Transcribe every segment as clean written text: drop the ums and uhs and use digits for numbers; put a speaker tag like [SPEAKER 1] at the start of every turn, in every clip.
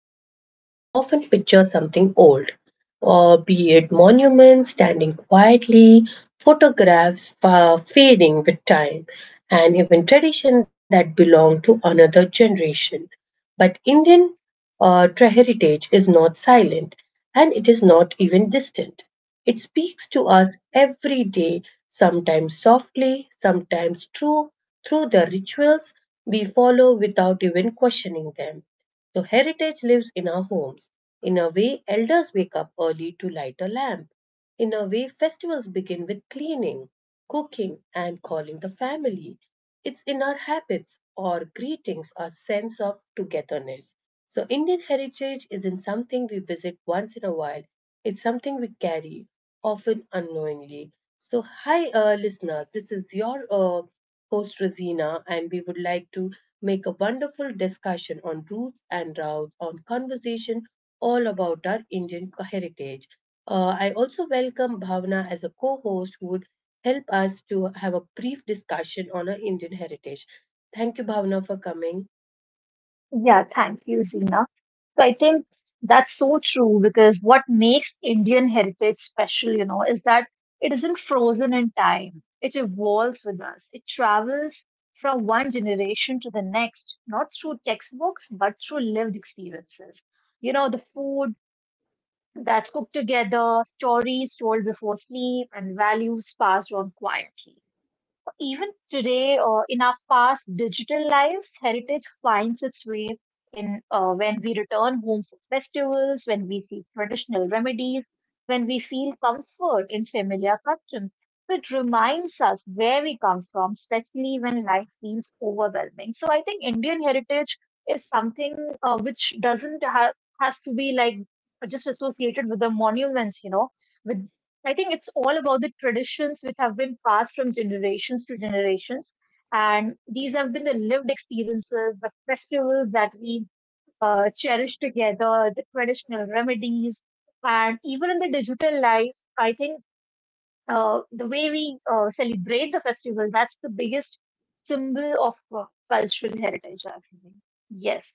[SPEAKER 1] heritage, we often picture something old, be it monuments standing quietly, photographs fading with time, and even tradition that belong to another generation. But Indian heritage is not silent and it is not even distant. It speaks to us every day, sometimes softly, sometimes true, through the rituals we follow without even questioning them. So heritage lives in our homes. In a way, elders wake up early to light a lamp. In a way, festivals begin with cleaning, cooking, and calling the family. It's in our habits, our greetings, our sense of togetherness. So, Indian heritage isn't something we visit once in a while, it's something we carry, often unknowingly. So, hi, listener, this is your host, Rosina, and we would like to make a wonderful discussion on roots and routes, on conversation all about our Indian heritage. I also welcome Bhavna as a co-host who would help us to have a brief discussion on our Indian heritage. Thank you, Bhavna, for coming.
[SPEAKER 2] Yeah, thank you, Zina. So I think that's so true because what makes Indian heritage special, is that it isn't frozen in time. It evolves with us. It travels from one generation to the next, not through textbooks, but through lived experiences. You know, the food that's cooked together, stories told before sleep, and values passed on quietly. Even today, or in our fast digital lives, heritage finds its way in when we return home for festivals, when we see traditional remedies, when we feel comfort in familiar customs. So it reminds us where we come from, especially when life feels overwhelming. So I think Indian heritage is something which doesn't ha- has to be like just associated with the monuments, you know, with I think it's all about the traditions which have been passed from generations to generations. And these have been the lived experiences, the festivals that we cherish together, the traditional remedies. And even in the digital life, I think the way we celebrate the festival, that's the biggest symbol of cultural heritage, I think. Yes.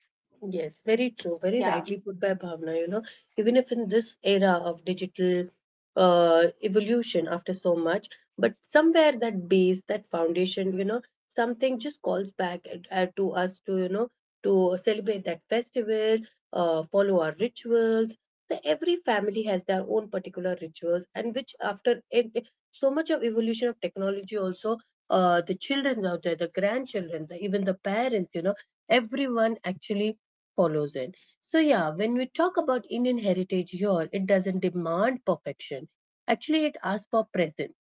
[SPEAKER 1] Yes, very true. Very
[SPEAKER 2] Yeah.
[SPEAKER 1] rightly put by Bhavna. You know, even if in this era of digital evolution after so much, but somewhere that base, that foundation, you know, something just calls back to us to, you know, to celebrate that festival, follow our rituals. So every family has their own particular rituals, and which after so much of evolution of technology, also the children out there, the grandchildren, the, even the parents, you know, everyone actually follows it. So, yeah, when we talk about Indian heritage here, it doesn't demand perfection. Actually, it asks for presence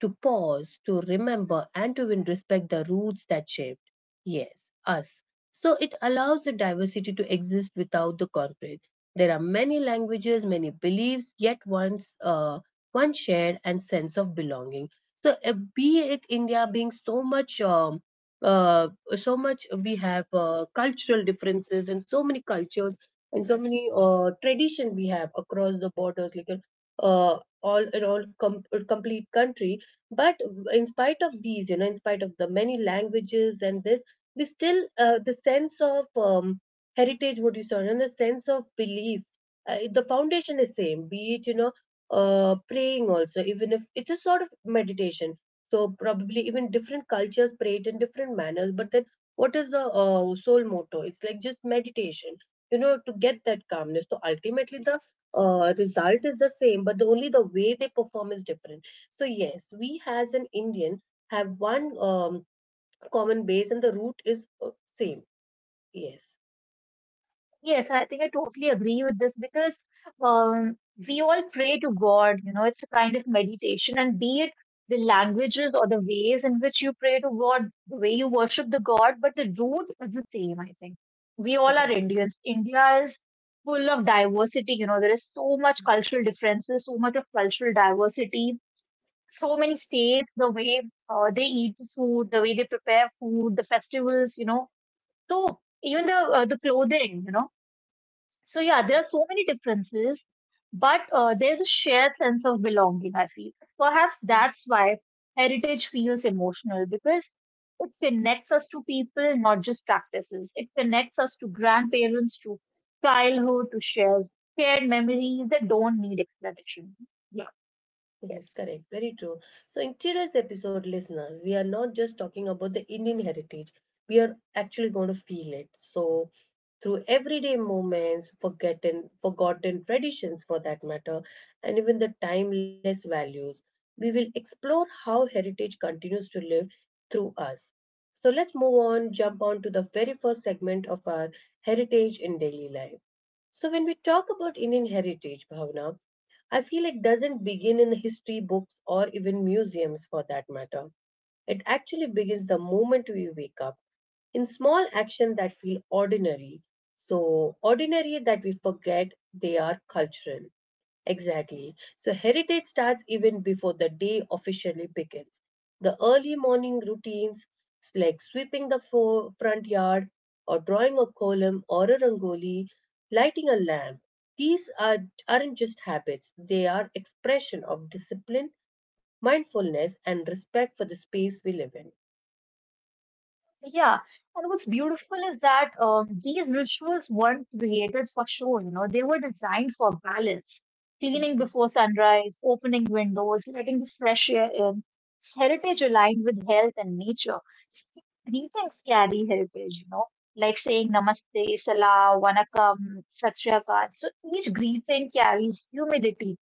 [SPEAKER 1] to pause, to remember, and to even respect the roots that shaped, yes, us. So it allows the diversity to exist without the conflict. There are many languages, many beliefs, yet once one shared and sense of belonging. So be it India being so much, uh, so much we have cultural differences and so many cultures and so many tradition we have across the borders, like all in all, complete country, but in spite of these, you know, in spite of the many languages and this, we still the sense of heritage what you saw and the sense of belief, the foundation is same, be it, you know, praying also, even if it's a sort of meditation. So probably even different cultures pray it in different manners, but then what is the soul motto? It's like just meditation, you know, to get that calmness. So ultimately the result is the same, but the only the way they perform is different. So yes, we as an Indian have one common base and the root is same. Yes,
[SPEAKER 2] Yes, I think I totally agree with this because um, we all pray to God, you know, it's a kind of meditation, and be it the languages or the ways in which you pray to God, the way you worship the God, but the root is the same, I think. We all are
[SPEAKER 1] correct.
[SPEAKER 2] Indians. India is full of diversity, you know, there is so much cultural differences, so much of cultural diversity, so many states, the way they eat the food, the way they prepare food, the festivals, you know. So even the clothing, you know, so yeah, there
[SPEAKER 1] Yes.
[SPEAKER 2] are so many differences, but there's a shared sense of belonging, I feel. Perhaps that's why heritage feels emotional because it connects us to people, not just practices. It connects us to grandparents, to childhood, to shared memories that don't need explanation. Yeah,
[SPEAKER 1] Mhm,
[SPEAKER 2] yes.
[SPEAKER 1] correct, very true. So, in today's episode, listeners, we are not just talking about the Indian heritage, we are actually going to feel it. So, through everyday moments, forgotten traditions for that matter, and even the timeless values, we will explore how heritage continues to live through us. So, let's move on, jump on to the very first segment of our heritage in daily life. So, when we talk about Indian heritage, Bhavna, I feel it doesn't begin in history books or even museums for that matter. It actually begins the moment we wake up in small actions that feel ordinary. So ordinary that we forget they are cultural. Exactly. So heritage starts even before the day officially begins. The early morning routines like sweeping the front yard or drawing a column or a rangoli, lighting a lamp. These are, aren't just habits, they are expression of discipline, mindfulness and respect for the space we live in.
[SPEAKER 2] Yeah, and what's beautiful is that these rituals weren't created for show, you know, they were designed for balance. Cleaning before sunrise, opening windows, letting the fresh air in. It's heritage aligned with health and nature. Sp- Greetings carry heritage, you know, like saying namaste, salam, vanakkam, satyakal. So each greeting carries humidity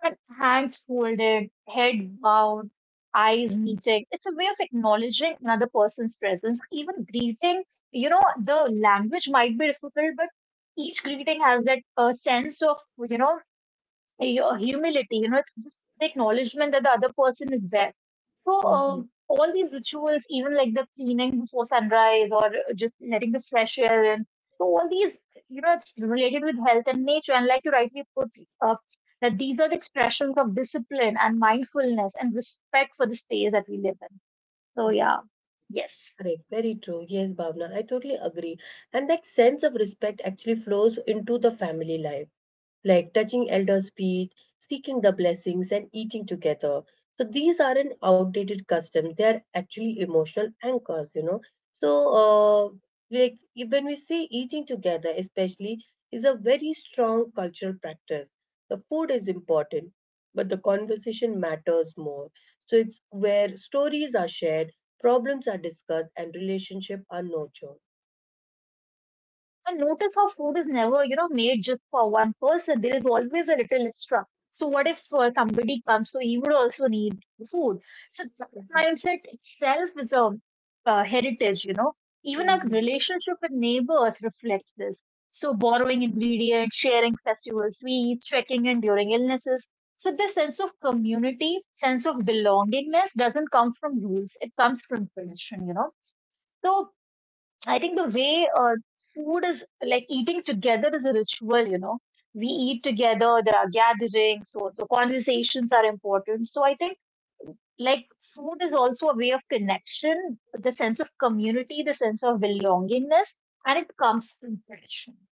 [SPEAKER 2] but hands folded, head bowed, eyes meeting. It's a way of acknowledging another person's presence. Even greeting, you know, the language might be difficult, but each greeting has that sense of, you know, your humility, you know, it's just the acknowledgement that the other person is there. So,
[SPEAKER 1] Mhm,
[SPEAKER 2] all these rituals, even like the cleaning before sunrise or just letting the fresh air in, so all these, you know, it's related with health and nature. And like you rightly put up, that these are the expressions of discipline and mindfulness and respect for the space that we live in. So,
[SPEAKER 1] mhm.
[SPEAKER 2] yeah, yes.
[SPEAKER 1] Correct, very true. Yes, Bhavna, I totally agree. And that sense of respect actually flows into the family life like touching elders' feet, seeking the blessings, and eating together. So these aren't outdated customs; they are actually emotional anchors, you know. So like when we say eating together, especially, is a very strong cultural practice. The food is important, but the conversation matters more. So it's where stories are shared, problems are discussed, and relationships are nurtured.
[SPEAKER 2] And notice how food is never, you know, made just for one person. There is always a little extra. So what if somebody comes, so he would also need food. So that
[SPEAKER 1] Mhm.
[SPEAKER 2] mindset itself is a heritage, you know. Even our
[SPEAKER 1] Mhm.
[SPEAKER 2] relationship with neighbors reflects this. So borrowing ingredients, sharing festival sweets, checking in during illnesses. So this sense of community, sense of belongingness doesn't come from rules. It comes from tradition, you know. So I think the way food is like eating together is a ritual, you know. We eat together, there are gatherings, so the conversations are important. So I think like food is also a way of connection, the sense of community, the sense of belongingness, and it comes from tradition.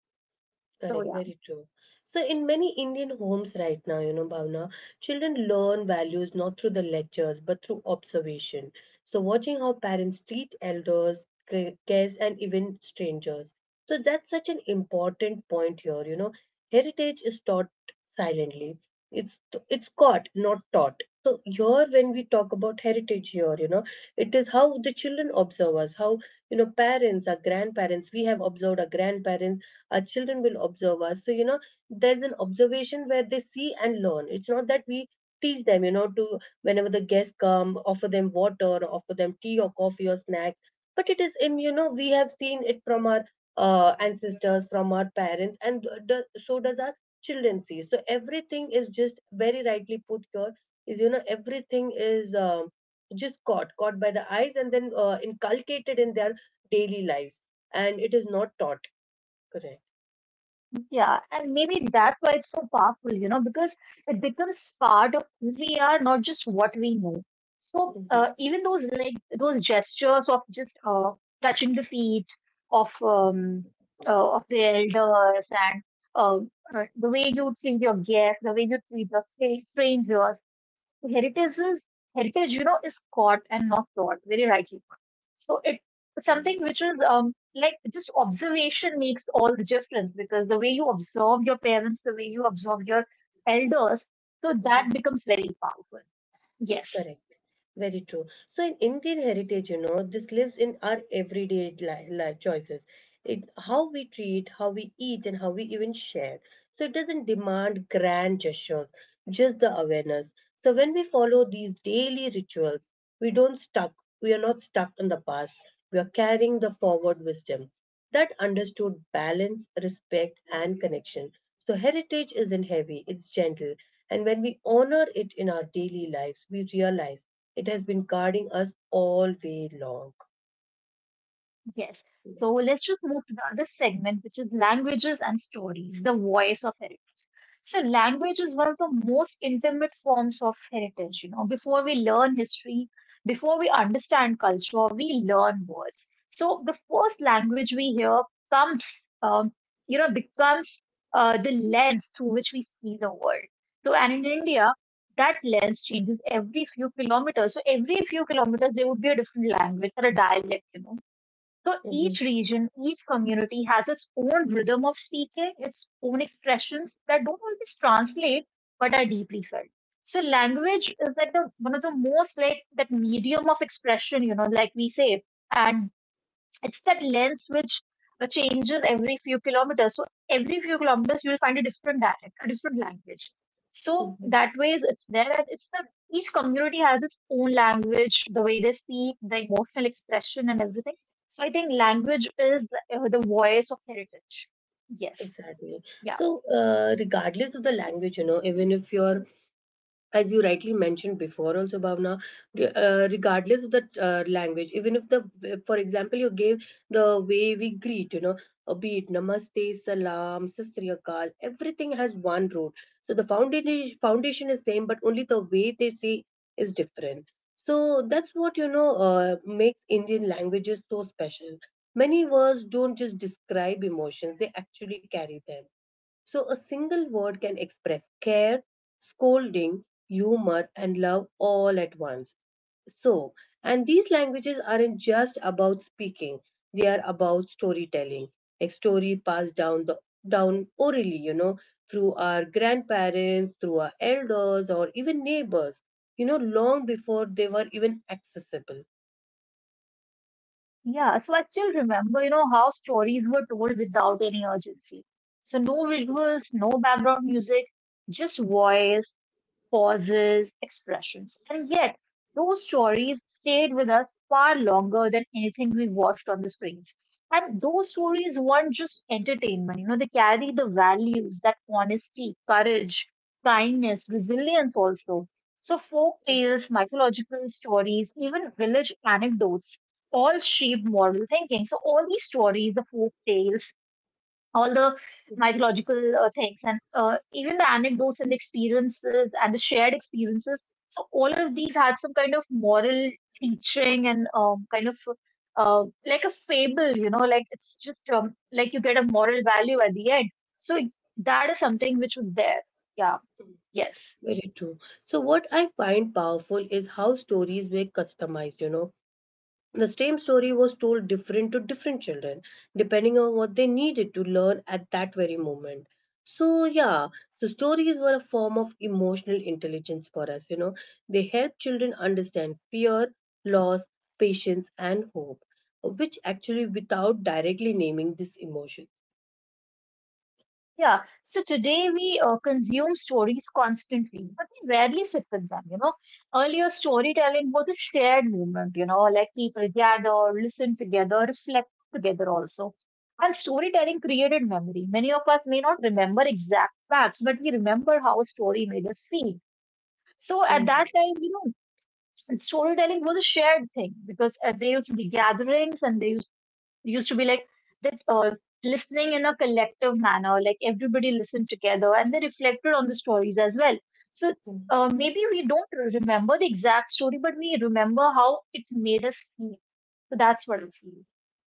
[SPEAKER 2] So
[SPEAKER 1] Correct,
[SPEAKER 2] yeah.
[SPEAKER 1] very true. So, in many Indian homes right now, you know, Bhavna, children learn values not through the lectures but through observation. So, watching how parents treat elders, guests, and even strangers. So, that's such an important point here. You know, heritage is taught silently. It's it's caught, not taught. So here, when we talk about heritage here, you know, it is how the children observe us, how, you know, parents, our grandparents. We have observed our grandparents, our children will observe us, so you know, there's an observation where they see and learn. It's not that we teach them, you know, to, whenever the guests come, offer them water, offer them tea or coffee or snacks, but it is in, you know, we have seen it from our ancestors, from our parents, and do, so does our children see. So everything is just very rightly put here is, you know, everything is just caught by the eyes and then inculcated in their daily lives, and it is not taught. Correct.
[SPEAKER 2] Yeah, and maybe that's why it's so powerful, you know, because it becomes part of who we are, not just what we know. So
[SPEAKER 1] Uhum,
[SPEAKER 2] even those like those gestures of just touching the feet of
[SPEAKER 1] uhum,
[SPEAKER 2] the elders and the way you treat your guests, the way you treat the strangers, heritage is heritage, you know, is caught and not taught, very rightly put. So it something which is um, like just observation makes all the difference because the way you observe your parents, the way you observe your elders, so
[SPEAKER 1] uhum.
[SPEAKER 2] that becomes very powerful.
[SPEAKER 1] Tá,
[SPEAKER 2] Yes.
[SPEAKER 1] né? Very true. So in Indian heritage, you know, this lives in our everyday choices. It, how we treat, how we eat, and how we even share. So it doesn't demand grand gestures, just the awareness. So when we follow these daily rituals, we don't stuck. We are not stuck in the past. We are carrying the forward wisdom that understood balance, respect, and connection. So heritage isn't heavy; it's gentle. And when we honor it in our daily lives, we realize it has been guarding us all way long.
[SPEAKER 2] Yes.
[SPEAKER 1] Yeah.
[SPEAKER 2] So let's just move to the other segment, which is languages and stories, the voice of heritage. So language is one of the most intimate forms of heritage. You know, before we learn history, before we understand culture, we learn words. So the first language we hear comes, um, becomes the lens through which we see the world. So and in India, that lens changes every few kilometers. So every few kilometers, there would be a different language or a dialect. You know, so
[SPEAKER 1] Mhm.
[SPEAKER 2] each region, each community has its own rhythm of speaking, its own expressions that don't always translate but are deeply felt. So language is like the one of the most like that medium of expression, you know, like we say. And it's that lens which changes every few kilometers. So every few kilometers, you will find a different dialect, a different language. So
[SPEAKER 1] Mhm.
[SPEAKER 2] that way, it's there, and it's the each community has its own language, the way they speak, the emotional expression, and everything. So I think language is the voice of heritage. Yes.
[SPEAKER 1] Exactly.
[SPEAKER 2] Yeah.
[SPEAKER 1] So, regardless of the language, you know, even if your, as you rightly mentioned before also, Bhavna, regardless of the language, even if the, for example, you gave the way we greet, you know, be it namaste, salam, sastriyakal, everything has one root. So the foundation is same, but only the way they say is different. So that's what, you know, makes Indian languages so special. Many words don't just describe emotions, they actually carry them. So a single word can express care, scolding, humor, and love all at once. So, and these languages aren't just about speaking, they are about storytelling. A story passed down orally, you know, through our grandparents, through our elders, or even neighbors, you know, long before they were even accessible.
[SPEAKER 2] Yeah. So I still remember, you know, how stories were told without any urgency. So no visuals, no background music, just voice, pauses, expressions. And yet, those stories stayed with us far longer than anything we watched on the screens. And those stories weren't just entertainment, you know, they carry the values that honesty, courage, kindness, resilience also. So, folk tales, mythological stories, even village anecdotes all shaped moral thinking. So, all these stories, the folk tales, all the mythological things and even the anecdotes and experiences and the shared experiences. So all of these had some kind of moral teaching and kind of like a fable, you know, like it's just like you get a moral value at the end. So that is something which was there. Yeah. Yes.
[SPEAKER 1] Very true. So, what I find powerful is how stories were customized, you know. The same story was told different to different children, depending on what they needed to learn at that very moment. So, yeah, so stories were a form of emotional intelligence for us, you know. They help children understand fear, loss, patience, and hope, which actually without directly naming these emotions.
[SPEAKER 2] Yeah, so today we consume stories constantly, but we rarely sit with them, you know. Earlier, storytelling was a shared movement, you know, like people gather, listen together, reflect together also. And storytelling created memory. Many of us may not remember exact facts, but we remember how a story made us feel. So at
[SPEAKER 1] Mhm.
[SPEAKER 2] that time, you know, storytelling was a shared thing because there used to be gatherings and there used to be like that listening in a collective manner, like everybody listened together and they reflected on the stories as well. So maybe we don't remember the exact story, but we remember how it made us feel. So that's what I feel.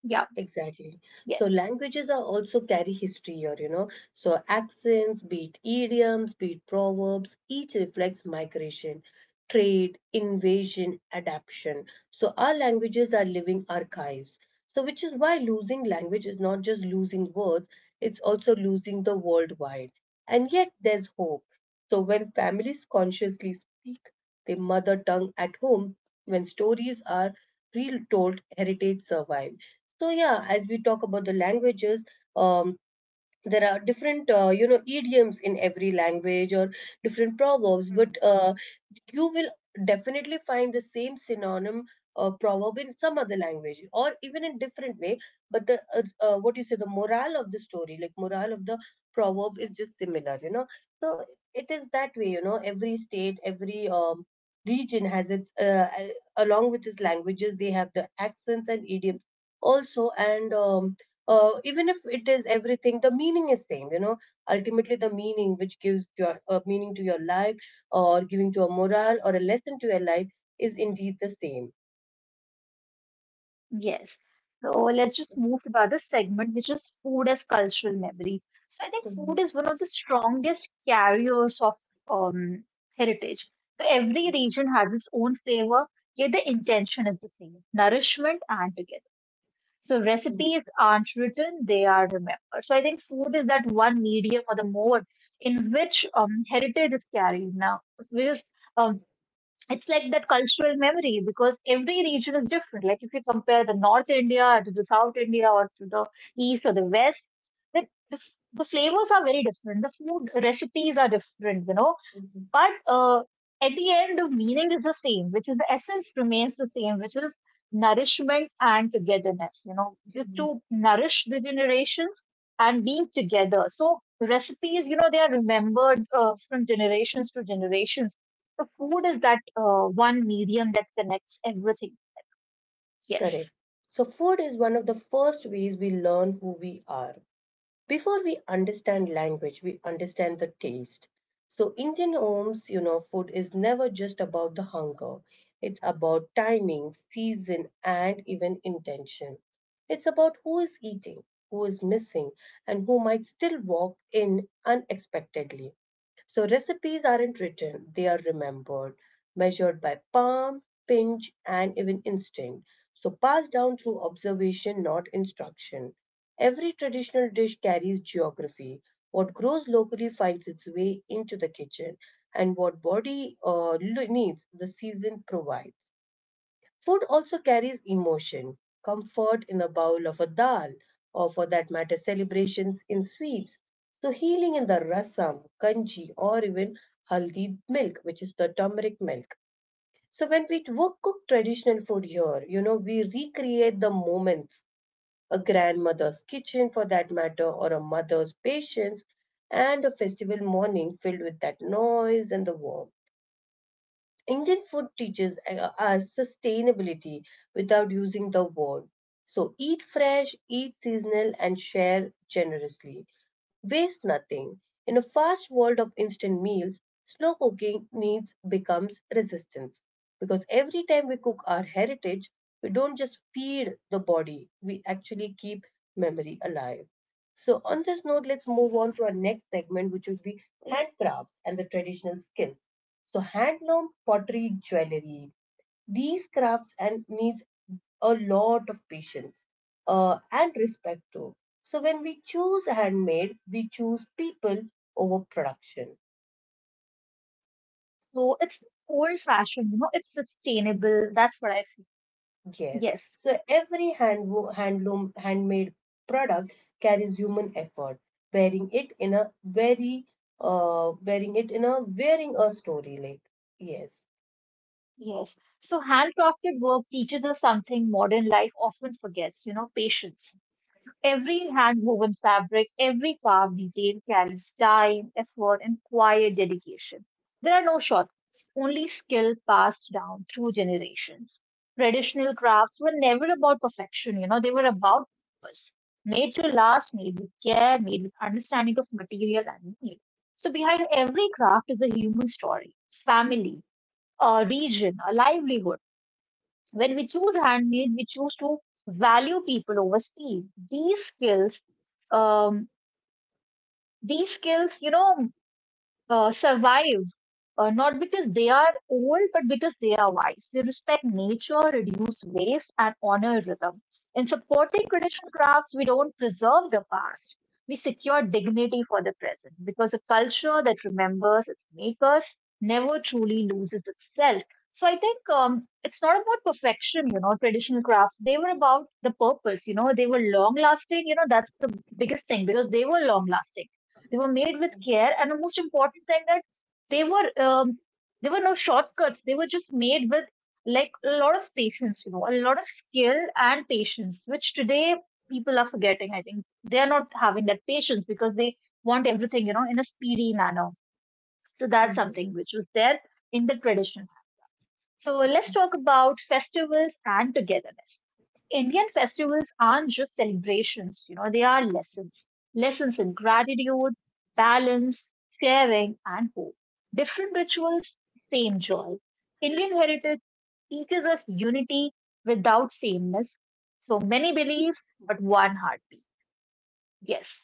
[SPEAKER 2] Yeah,
[SPEAKER 1] Exactly. So
[SPEAKER 2] yes.
[SPEAKER 1] languages are also carry history, or you know, so accents, be it idioms, be it proverbs, each reflects migration, trade, invasion, adaptation. So our languages are living archives. So which is why losing language is not just losing words, it's also losing the worldwide. And yet there's hope. So when families consciously speak their mother tongue at home, when stories are retold, heritage survive. So yeah, as we talk about the languages, um, there are different you know idioms in every language or different proverbs. But you will definitely find the same synonym or proverb in some other language or even in different way, but the what you say, the morale of the story, like morale of the proverb is just similar, you know. So it is that way, you know, every state, every region has its along with its languages, they have the accents and idioms also, and even if it is everything, the meaning is same, you know, ultimately the meaning which gives your meaning to your life or giving to a moral or a lesson to your life is indeed the same.
[SPEAKER 2] Yes. So let's just move to the other segment, which is food as cultural memory. So I think food is one of the strongest carriers of um, heritage. So every region has its own flavor, yet the intention is the same, nourishment and together. So recipes aren't written, they are remembered. So I think food is that one medium or the mode in which heritage is carried now, which is um, it's like that cultural memory because every region is different. Like if you compare the North India to the South India or to the East or the West, then the flavors are very different. The food recipes are different, you know, but at the end, the meaning is the same, which is the essence remains the same, which is nourishment and togetherness, you know, just to nourish the generations and being together. So recipes, you know, they are remembered from generations to generations. The food is that one medium that connects everything. Yes.
[SPEAKER 1] Correct. So, food is one of the first ways we learn who we are. Before we understand language, we understand the taste. So, Indian homes, you know, food is never just about the hunger, it's about timing, season, and even intention. It's about who is eating, who is missing, and who might still walk in unexpectedly. So recipes aren't written, they are remembered, measured by palm, pinch, and even instinct. So passed down through observation, not instruction. Every traditional dish carries geography. What grows locally finds its way into the kitchen, and what body needs, the season provides. Food also carries emotion. Comfort in a bowl of a dal, or for that matter, celebrations in sweets. So, healing in the rasam, kanji, or even haldi milk, which is the turmeric milk. So, when we cook traditional food here, you know, we recreate the moments, a grandmother's kitchen, for that matter, or a mother's patience, and a festival morning filled with that noise and the warmth. Indian food teaches us sustainability without using the word. So eat fresh, eat seasonal, and share generously. Waste nothing. In a fast world of instant meals, slow cooking needs becomes resistance, because every time we cook our heritage, we don't just feed the body, we actually keep memory alive. So on this note, let's move on to our next segment, which will be handcrafts and the traditional skills. So handloom, pottery, jewelry, these crafts and needs a lot of patience and respect too. So when we choose handmade, we choose people over production.
[SPEAKER 2] So it's old fashioned, you know, it's sustainable. That's what I feel.
[SPEAKER 1] Yes.
[SPEAKER 2] Yes.
[SPEAKER 1] So every handloom handmade product carries human effort. Wearing it in a very wearing a story, like, yes.
[SPEAKER 2] Yes. So handcrafted work teaches us something modern life often forgets, you know, patience. Every hand-woven fabric, every carved detail carries time, effort, and quiet dedication. There are no shortcuts, only skill passed down through generations. Traditional crafts were never about perfection, you know, they were about purpose. Made to last, made with care, made with understanding of material and need. So behind every craft is a human story, family, a region, a livelihood when we choose handmade, we choose to value people over speed. Um, these skills, you know, survive, not because they are old, but because they are wise. They respect nature, reduce waste, and honor rhythm. In supporting traditional crafts, we don't preserve the past. We secure dignity for the present because a culture that remembers its makers never truly loses itself. So I think it's not about perfection. Traditional crafts. They were about the purpose. They were long lasting. That's the biggest thing because they were made with care, and the most important thing that they were there were no shortcuts. They were just made with like a lot of patience, a lot of skill and patience, which today people are forgetting. I think they are not having that patience because they want everything, in a speedy manner. So that's
[SPEAKER 1] Mhm.
[SPEAKER 2] something which was there in the tradition. So let's talk about festivals and togetherness. Indian festivals aren't just celebrations. They are lessons. Lessons in gratitude, balance, sharing, and hope. Different rituals, same joy. Indian heritage teaches us unity without sameness. So many beliefs, but one heartbeat. Yes.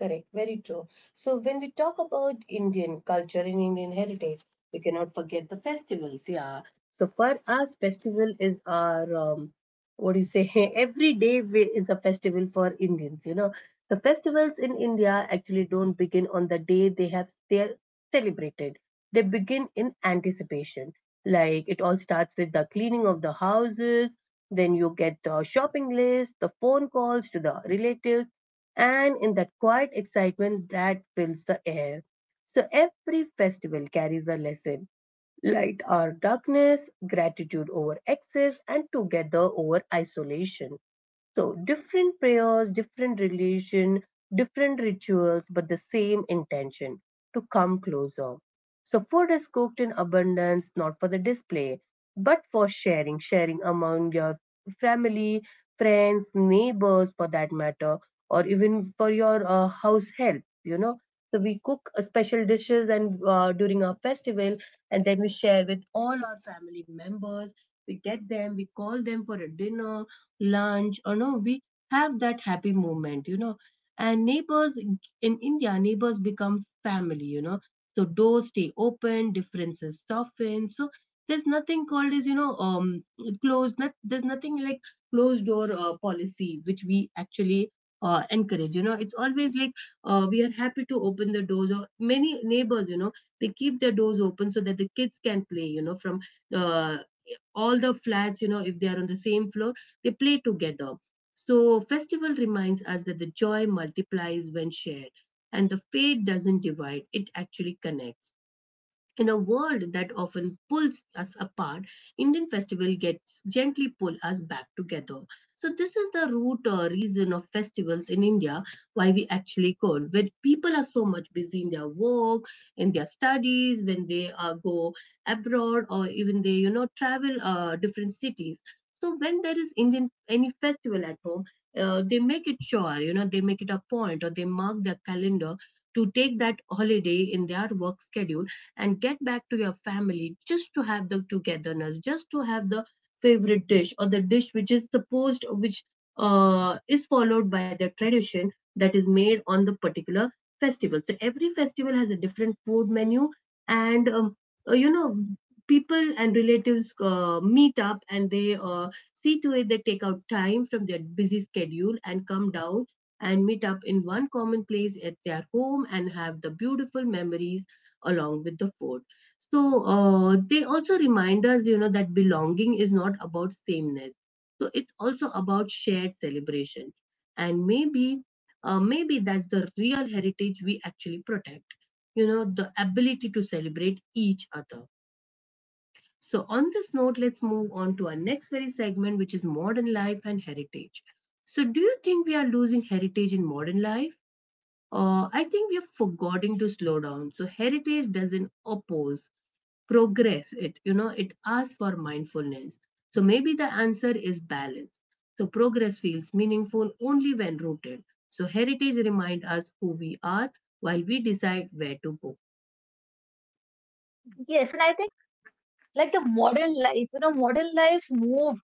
[SPEAKER 1] Correct, very true. So when we talk about Indian culture and Indian heritage, we cannot forget the festivals. Yeah. So for us, festival is our what do you say? Every day is a festival for Indians. You know, the festivals in India actually don't begin on the day they are celebrated. They begin in anticipation. Like it all starts with the cleaning of the houses. Then you get the shopping list, the phone calls to the relatives, and in that quiet excitement that fills the air. So every festival carries a lesson, light or darkness, gratitude over excess, and together over isolation. So different prayers, different religion, different rituals, but the same intention to come closer. So food is cooked in abundance, not for the display, but for sharing, sharing among your family, friends, neighbors for that matter, or even for your house help. So we cook special dishes, and during our festival, and then we share with all our family members. We get them, we call them for a dinner, lunch, or no, we have that happy moment, and neighbors in India, neighbors become family. So doors stay open, differences soften. So there's nothing called as, closed. Not, there's nothing like closed door policy, which we actually encourage, you know. It's always like, we are happy to open the doors. Or many neighbors, they keep their doors open so that the kids can play, from uh, all the flats, if they are on the same floor, they play together. So, festival reminds us that the joy multiplies when shared, and the faith doesn't divide, it actually connects. In a world that often pulls us apart, Indian festival gets gently pull us back together. So this is the root reason of festivals in India, why we actually call when people are so much busy in their work, in their studies, when they go abroad, or even they travel different cities. So when there is Indian any festival at home, they make it sure, they make it a point, or they mark their calendar to take that holiday in their work schedule and get back to your family, just to have the togetherness, just to have the favorite dish, or the dish which is supposed, which is followed by the tradition that is made on the particular festival. So every festival has a different food menu, and uh, you know, people and relatives meet up, and they see to it they take out time from their busy schedule and come down and meet up in one common place at their home and have the beautiful memories along with the food. So they also remind us, that belonging is not about sameness. So it's also about shared celebration. And maybe that's the real heritage we actually protect, the ability to celebrate each other. So, on this note, let's move on to our next very segment, which is modern life and heritage. So, do you think we are losing heritage in modern life? I think we are forgetting to slow down. So, heritage doesn't oppose progress. It you know it asks for mindfulness. So maybe the answer is balance. So progress feels meaningful only when rooted. So heritage remind us who we are while we decide where to go.
[SPEAKER 2] Yes. And I think like the modern life. Modern lives move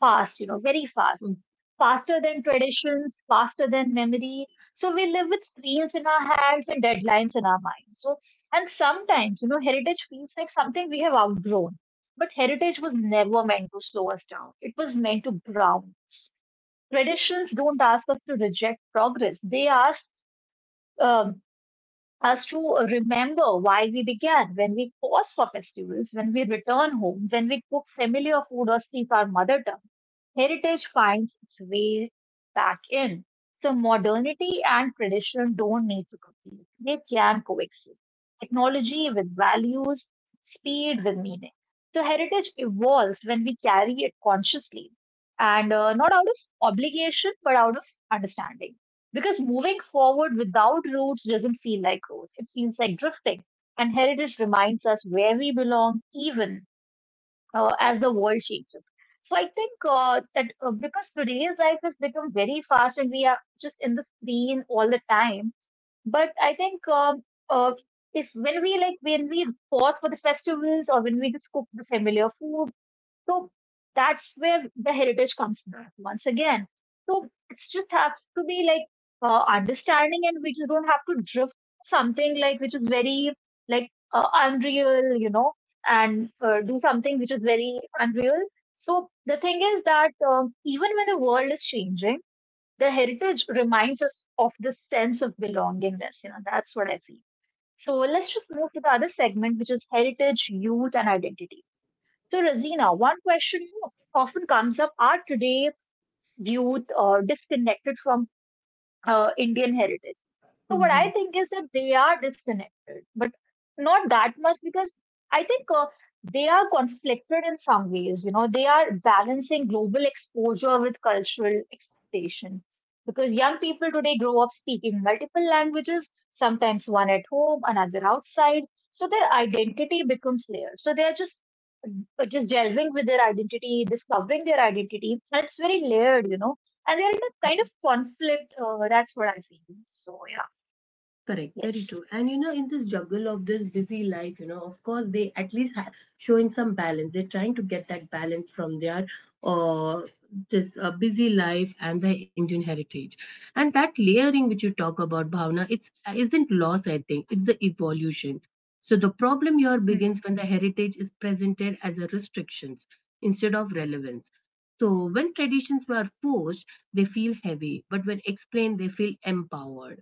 [SPEAKER 2] fast, very fast, faster than traditions, faster than memory. So we live with screens in our hands and deadlines in our minds. And sometimes heritage feels like something we have outgrown. But heritage was never meant to slow us down, it was meant to ground. Traditions don't ask us to reject progress, they ask. um us to remember why we began, when we pause for festivals, when we return home, when we cook familiar food or speak our mother tongue. Heritage finds its way back in. So modernity and tradition don't need to compete. They can coexist. Technology with values, speed with meaning. So heritage evolves when we carry it consciously and not out of obligation, but out of understanding. Because moving forward without roots doesn't feel like growth, it feels like drifting. And heritage reminds us where we belong, even as the world changes. So I think that because today's life has become very fast and we are just in the screen all the time, but I think uh, if when we like when we pause for the festivals or when we just cook the familiar food, so that's where the heritage comes back once again. So it's just have to be like understanding, and we just don't have to drift something like which is very like unreal, and do something which is very unreal. So the thing is that even when the world is changing, the heritage reminds us of the sense of belongingness. You know, that's what I feel. So let's just move to the other segment, which is heritage, youth, and identity. So, Razina, one question you know, often comes up are today viewed or disconnected from Indian heritage? So what I
[SPEAKER 1] Mhm.
[SPEAKER 2] think is that they are disconnected, but not that much because I think they are conflicted in some ways. You know, they are balancing global exposure with cultural expectation because young people today grow up speaking multiple languages, sometimes one at home, another outside. So their identity becomes layered. So they are just delving with their identity, discovering their identity, and it's very layered, you know, and they're in a kind of conflict. That's what I feel. So yeah.
[SPEAKER 1] Correct, very
[SPEAKER 2] Yes.
[SPEAKER 1] true. And in this juggle of this busy life, of course, they at least showing some balance. They're trying to get that balance from their uh, this busy life and their Indian heritage. And that layering which you talk about, Bhavna, it's isn't loss. I think it's the evolution. So the problem here
[SPEAKER 2] Mm.
[SPEAKER 1] begins when the heritage is presented as a restrictions instead of relevance. So when traditions were forced, they feel heavy, but when explained, they feel empowered.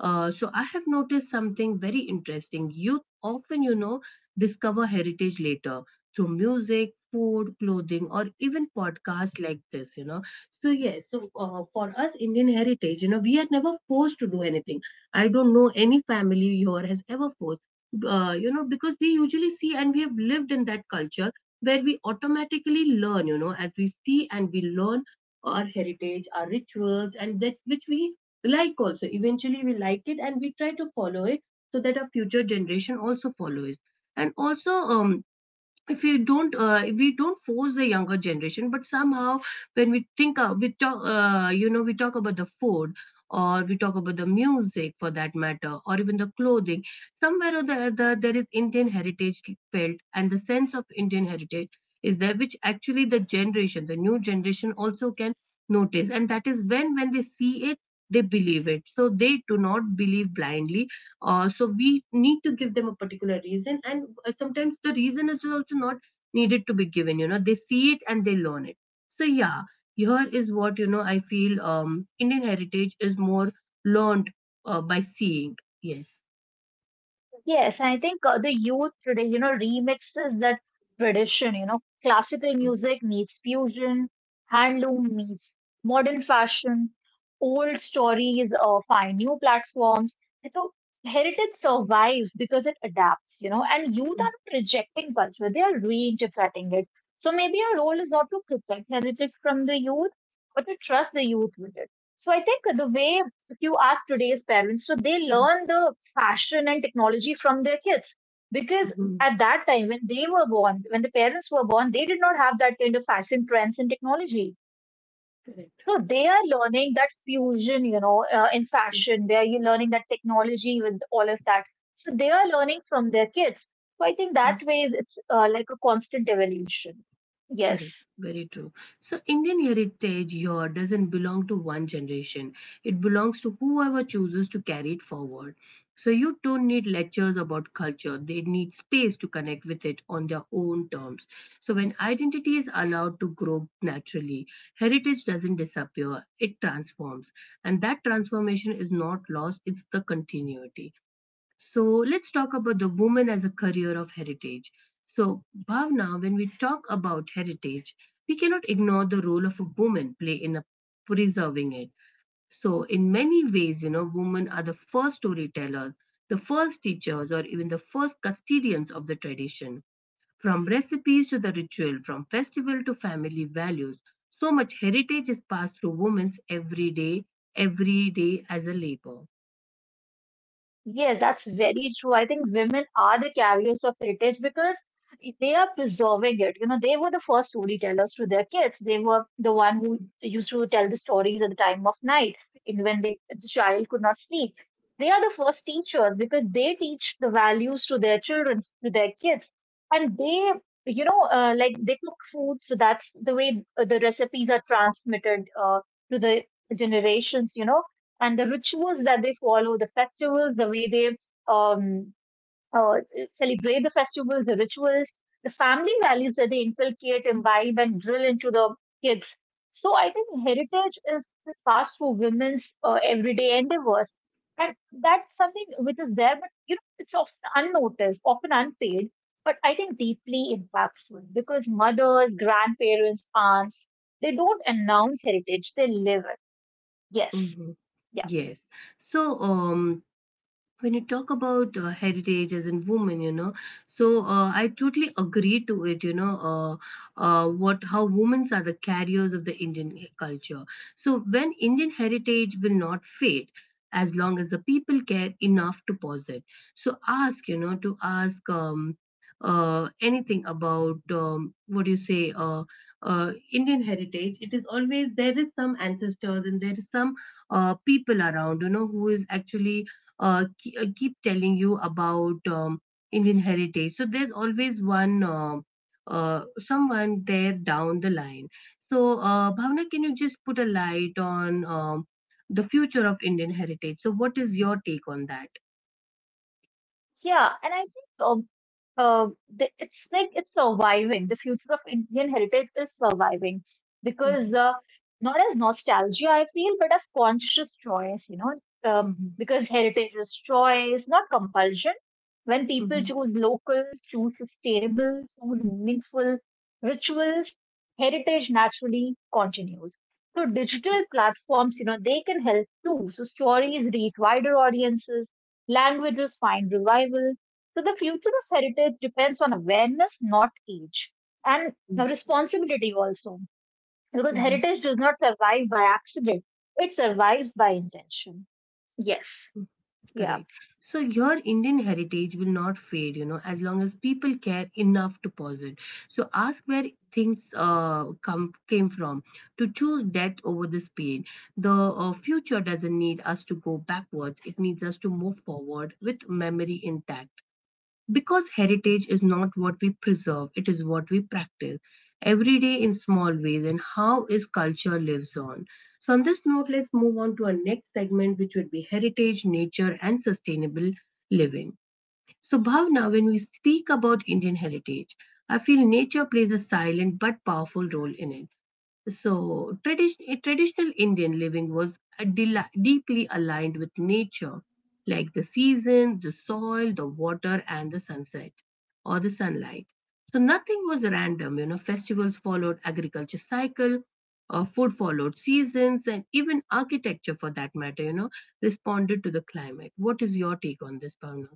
[SPEAKER 1] So I have noticed something very interesting. Youth often, discover heritage later through music, food, clothing, or even podcasts like this. So yes, so for us Indian heritage, we are never forced to do anything. I don't know any family here has ever forced, because we usually see and we have lived in that culture where we automatically learn, you know, as we see and we learn our heritage, our rituals, and that which we like. Also eventually we like it, and we try to follow it so that our future generation also follows. And also if we don't, if we don't force the younger generation. But somehow when we think of we talk you know we talk about the food, or we talk about the music for that matter, or even the clothing. Somewhere or the other, there is Indian heritage felt, and the sense of Indian heritage is there, which actually the new generation also can notice. And that is when they see it, they believe it. So they do not believe blindly. So we need to give them a particular reason, and sometimes the reason is also not needed to be given. You know, they see it and they learn it. So yeah, here is what. I feel Indian heritage is more learned by seeing. Yes.
[SPEAKER 2] Yes, I think the youth today, you know, remixes that tradition, you know, classical music meets fusion, handloom meets modern fashion, old stories find new platforms. And so heritage survives because it adapts, you know, and youth are rejecting culture, they are reinterpreting it. So maybe our role is not to protect heritage from the youth, but to trust the youth with it. So I think the way if you ask today's parents, so they
[SPEAKER 1] Mhm.
[SPEAKER 2] learn the fashion and technology from their kids. Because
[SPEAKER 1] Mhm.
[SPEAKER 2] at that time, when they were born, when the parents were born, they did not have that kind of fashion trends and technology.
[SPEAKER 1] Correct.
[SPEAKER 2] So they are learning that fusion, you know, in fashion. They are learning that technology with all of that. So they are learning from their kids. So I think that way it's like a constant evolution. Yes.
[SPEAKER 1] Correct. Very true. So Indian heritage here doesn't belong to one generation. It belongs to whoever chooses to carry it forward. So you don't need lectures about culture. They need space to connect with it on their own terms. So when identity is allowed to grow naturally, heritage doesn't disappear. It transforms. And that transformation is not lost, it's the continuity. So let's talk about the woman as a career of heritage. So, Bhavna, when we talk about heritage, we cannot ignore the role of a woman play in a preserving it. So, in many ways, women are the first storytellers, the first teachers, or even the first custodians of the tradition. From recipes to the ritual, from festival to family values, so much heritage is passed through women's every day as a labor.
[SPEAKER 2] Yes, that's very true. I think women are the carriers of heritage because they are preserving it. You know, they were the first storytellers to their kids. They were the one who used to tell the stories at the time of night, in when they, the child could not sleep. They are the first teachers because they teach the values to their children, to their kids, and they, you know, like they cook food. So that's the way the recipes are transmitted to the generations. You know and the rituals that they follow, the festivals, the way they um, uh, celebrate the festivals, the rituals, the family values that they inculcate, imbibe, and drill into the kids. So I think heritage is passed through women's everyday endeavors. And that's something which is there, but you know, it's often unnoticed, often unpaid, but I think deeply impactful because mothers, grandparents, aunts, they don't announce heritage, they live it. Yes.
[SPEAKER 1] Mm-hmm. Yes. So, when you talk about heritage as in women, you know, so I totally agree to it, what how women are the carriers of the Indian culture. So when Indian heritage will not fade, as long as the people care enough to pause it. So ask, to ask, anything about, what do you say, uh, Indian heritage. It is always, there is some ancestors, and there is some people around, who is actually, keep telling you about, Indian heritage. So there's always one someone there down the line. So Bhavna, can you just put a light on, the future of Indian heritage? So what is your take on that?
[SPEAKER 2] Yeah, and I think uh, it's like it's surviving. The future of Indian heritage is surviving because
[SPEAKER 1] Mm-hmm.
[SPEAKER 2] not as nostalgia, I feel, but as conscious choice, you know, uh,
[SPEAKER 1] Mm-hmm.
[SPEAKER 2] because heritage is choice, not compulsion. When people
[SPEAKER 1] Mm-hmm.
[SPEAKER 2] choose local, choose sustainable, choose meaningful rituals, heritage naturally continues. So digital platforms, you know, they can help too. So stories reach wider audiences, languages find revival so the future of heritage depends on awareness, not age, and responsibility also. Because
[SPEAKER 1] Mm-hmm.
[SPEAKER 2] heritage does not survive by accident; it survives by intention. Yes. Yeah.
[SPEAKER 1] Correct. So your Indian heritage will not fade, as long as people care enough to pause it. So ask where things come came from. To choose death over the speed. The future doesn't need us to go backwards. It needs us to move forward with memory intact. Because heritage is not what we preserve, it is what we practice every day in small ways, and how is culture lives on. So on this note, let's move on to our next segment, which would be heritage, nature, and sustainable living. So Bhavna, when we speak about Indian heritage, I feel nature plays a silent but powerful role in it. So, traditional Indian living was a deeply aligned with nature, like the seasons, the soil, the water, and the sunset or the sunlight. So, nothing was random. You know, festivals followed agriculture cycle, food followed seasons, and even architecture, for that matter, responded to the climate. What is your take on this, Bhavna?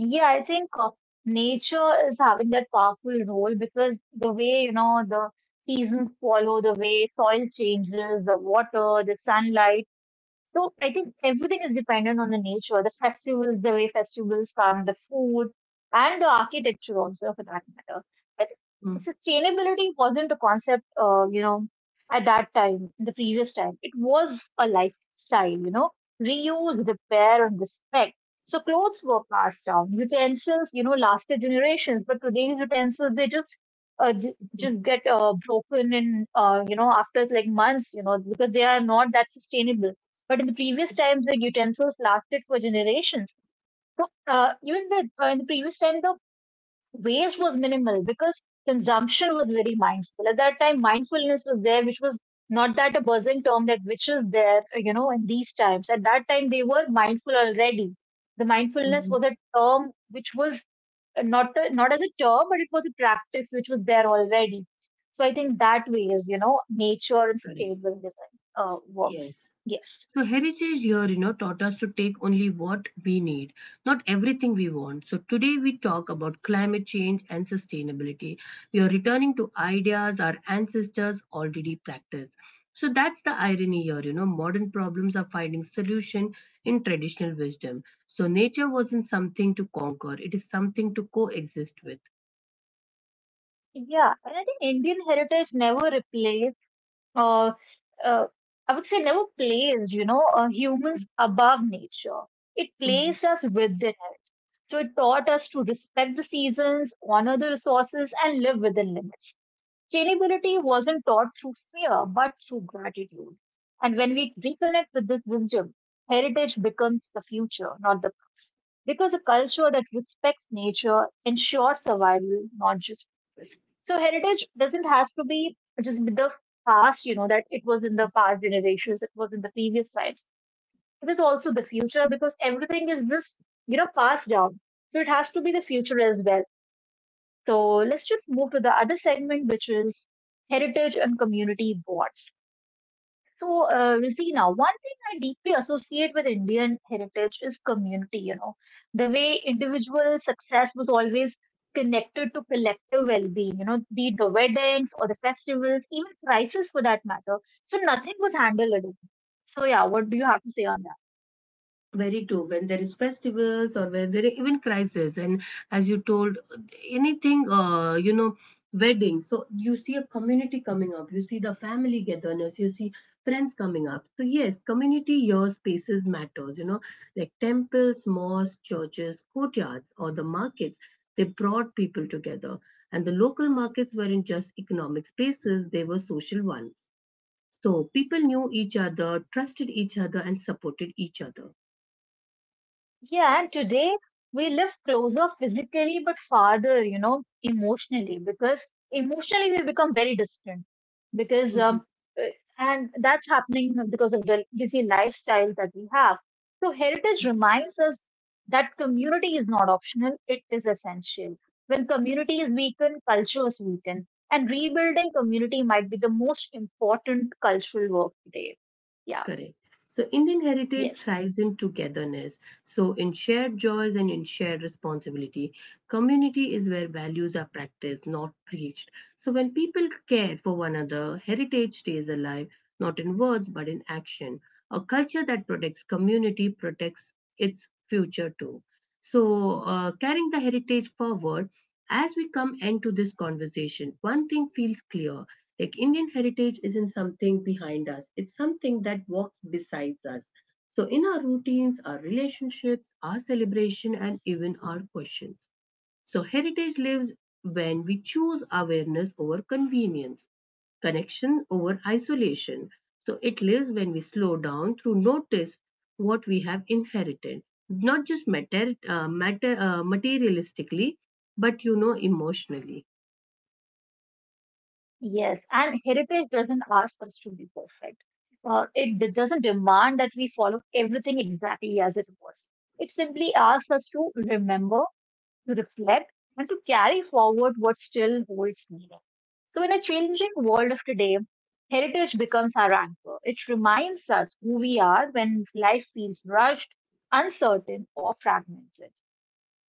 [SPEAKER 2] Yeah, I think nature is having that powerful role because the way, you know, the seasons follow, the way soil changes, the water, the sunlight. So I think everything is dependent on the nature, the festivals, the way festivals come, the food, and the architecture also for that matter. But
[SPEAKER 1] Mm,
[SPEAKER 2] sustainability wasn't a concept, you know, at that time, the previous time. It was a lifestyle, you know, reuse, repair, and respect. So clothes were passed down, utensils, you know, lasted generations. But today's utensils, they just uh, j-
[SPEAKER 1] mm,
[SPEAKER 2] just get broken in, you know, after like months, you know, because they are not that sustainable but in the previous times, the utensils lasted for generations. So even in the previous time, the waste was minimal because consumption was very mindful. At that time, mindfulness was there, which was not that a buzzing term that which is there, you know, in these times. At that time, they were mindful already. The mindfulness
[SPEAKER 1] mm,
[SPEAKER 2] was a term which was not as a term, but it was a practice which was there already. So I think that way is, you know, nature and
[SPEAKER 1] correct.
[SPEAKER 2] sustainable living works.
[SPEAKER 1] Yes.
[SPEAKER 2] Yes.
[SPEAKER 1] So heritage here, taught us to take only what we need, not everything we want. So today we talk about climate change and sustainability. We are returning to ideas our ancestors already practiced. So that's the irony here, modern problems are finding solution in traditional wisdom. So nature wasn't something to conquer, it is something to coexist with.
[SPEAKER 2] Yeah, and I think Indian heritage never uh, uh, I would say never placed, you know, humans above nature. It placed us within it. So it taught us to respect the seasons, honor the resources, and live within limits. Sustainability wasn't taught through fear, but through gratitude. And when we reconnect with this wisdom, heritage becomes the future, not the past. Because a culture that respects nature ensures survival, not just purpose. So heritage doesn't have to be just the past, you know, that it was in the past generations, it was in the previous times. It is also the future because everything is just, you know, passed down. So it has to be the future as well so let's just move to the other segment, which is heritage and community boards. So, Rosina, one thing I deeply associate with Indian heritage is community, you know, the way individual success was always connected to collective well being, you know, be the weddings or the festivals, even crisis for that matter. So, nothing was handled alone. So, yeah, what do you have to say on.
[SPEAKER 1] Very true. When there is festivals, or when there are even crisis, and as you told, anything, weddings, so you see a community coming up, you see the family togetherness, you see friends coming up. So yes, community, your spaces matters, like temples, mosques, churches, courtyards, or the markets, they brought people together. And the local markets weren't just economic spaces, they were social ones. So people knew each other, trusted each other, and supported each other.
[SPEAKER 2] Yeah, and today we live closer physically but farther, you know, emotionally, because emotionally we become very distant. Because,
[SPEAKER 1] Mhm.
[SPEAKER 2] uh, and that's happening because of the busy lifestyles that we have. So, heritage reminds us that community is not optional, it is essential. When community is weakened, culture is weakened, and rebuilding community might be the most important cultural work today. Yeah,
[SPEAKER 1] Correct. So Indian heritage
[SPEAKER 2] yes.
[SPEAKER 1] thrives in togetherness. So in shared joys and in shared responsibility. Community is where values are practiced, not preached. So when people care for one another, heritage stays alive, not in words but in action. A culture that protects community protects its future too. So, carrying the heritage forward, as we come into this conversation, one thing feels clear, like, Indian heritage isn't something behind us, it's something that walks besides us. So, in our routines, our relationships, our celebration, and even our questions. So, heritage lives when we choose awareness over convenience, connection over isolation. So, it lives when we slow down through notice what we have inherited, not just materialistically, but, emotionally.
[SPEAKER 2] Yes, and heritage doesn't ask us to be perfect. It doesn't demand that we follow everything exactly as it was. It simply asks us to remember, to reflect, and to carry forward what still holds meaning. So, in a changing world of today, heritage becomes our anchor. It reminds us who we are when life feels rushed, uncertain, or fragmented.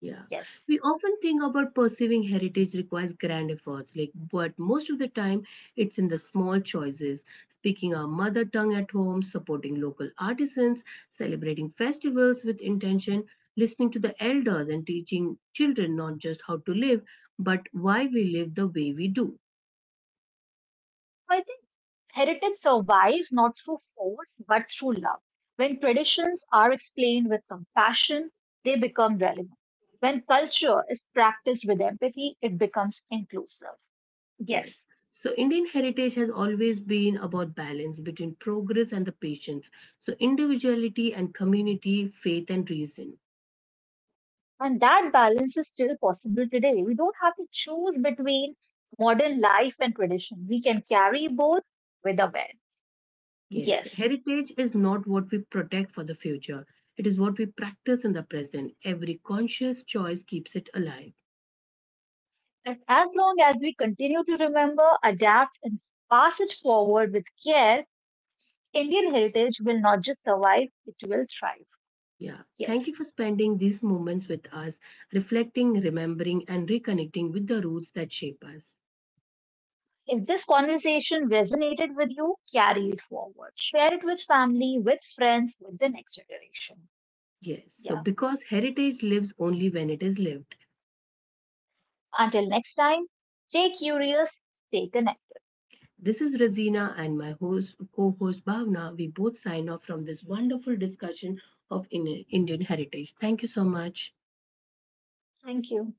[SPEAKER 1] Yeah,
[SPEAKER 2] Yes.
[SPEAKER 1] we often think about perceiving heritage requires grand efforts, like, but most of the time it's in the small choices, speaking our mother tongue at home, supporting local artisans, celebrating festivals with intention, listening to the elders, and teaching children not just how to live, but why we live the way we do.
[SPEAKER 2] I think heritage survives not through force, but through love. When traditions are explained with compassion, they become relevant. When culture is practiced with empathy, it becomes inclusive.
[SPEAKER 1] Yes.
[SPEAKER 2] Yes.
[SPEAKER 1] So, Indian heritage has always been about balance between progress and the patience. So, individuality and community, faith and reason.
[SPEAKER 2] And that balance is still possible today. We don't have to choose between modern life and tradition. We can carry both with awareness.
[SPEAKER 1] Yes,
[SPEAKER 2] Yes.
[SPEAKER 1] heritage is not what we protect for the future. It is what we practice in the present. Every conscious choice keeps it alive.
[SPEAKER 2] And as long as we continue to remember, adapt, and pass it forward with care, Indian heritage will not just survive, it will thrive.
[SPEAKER 1] Yeah.
[SPEAKER 2] Yes.
[SPEAKER 1] Thank you for spending these moments with us, reflecting, remembering, and reconnecting with the roots that shape us.
[SPEAKER 2] If this conversation resonated with you, carry it forward. Share it with family, with friends, with the next generation.
[SPEAKER 1] Yes. So,
[SPEAKER 2] Yeah.
[SPEAKER 1] because heritage lives only when it is lived.
[SPEAKER 2] Until next time, stay curious, stay connected.
[SPEAKER 1] This is Razina, and my host, co-host Bhavna. We both sign off from this wonderful discussion of Indian heritage. Thank you so much.
[SPEAKER 2] Thank you.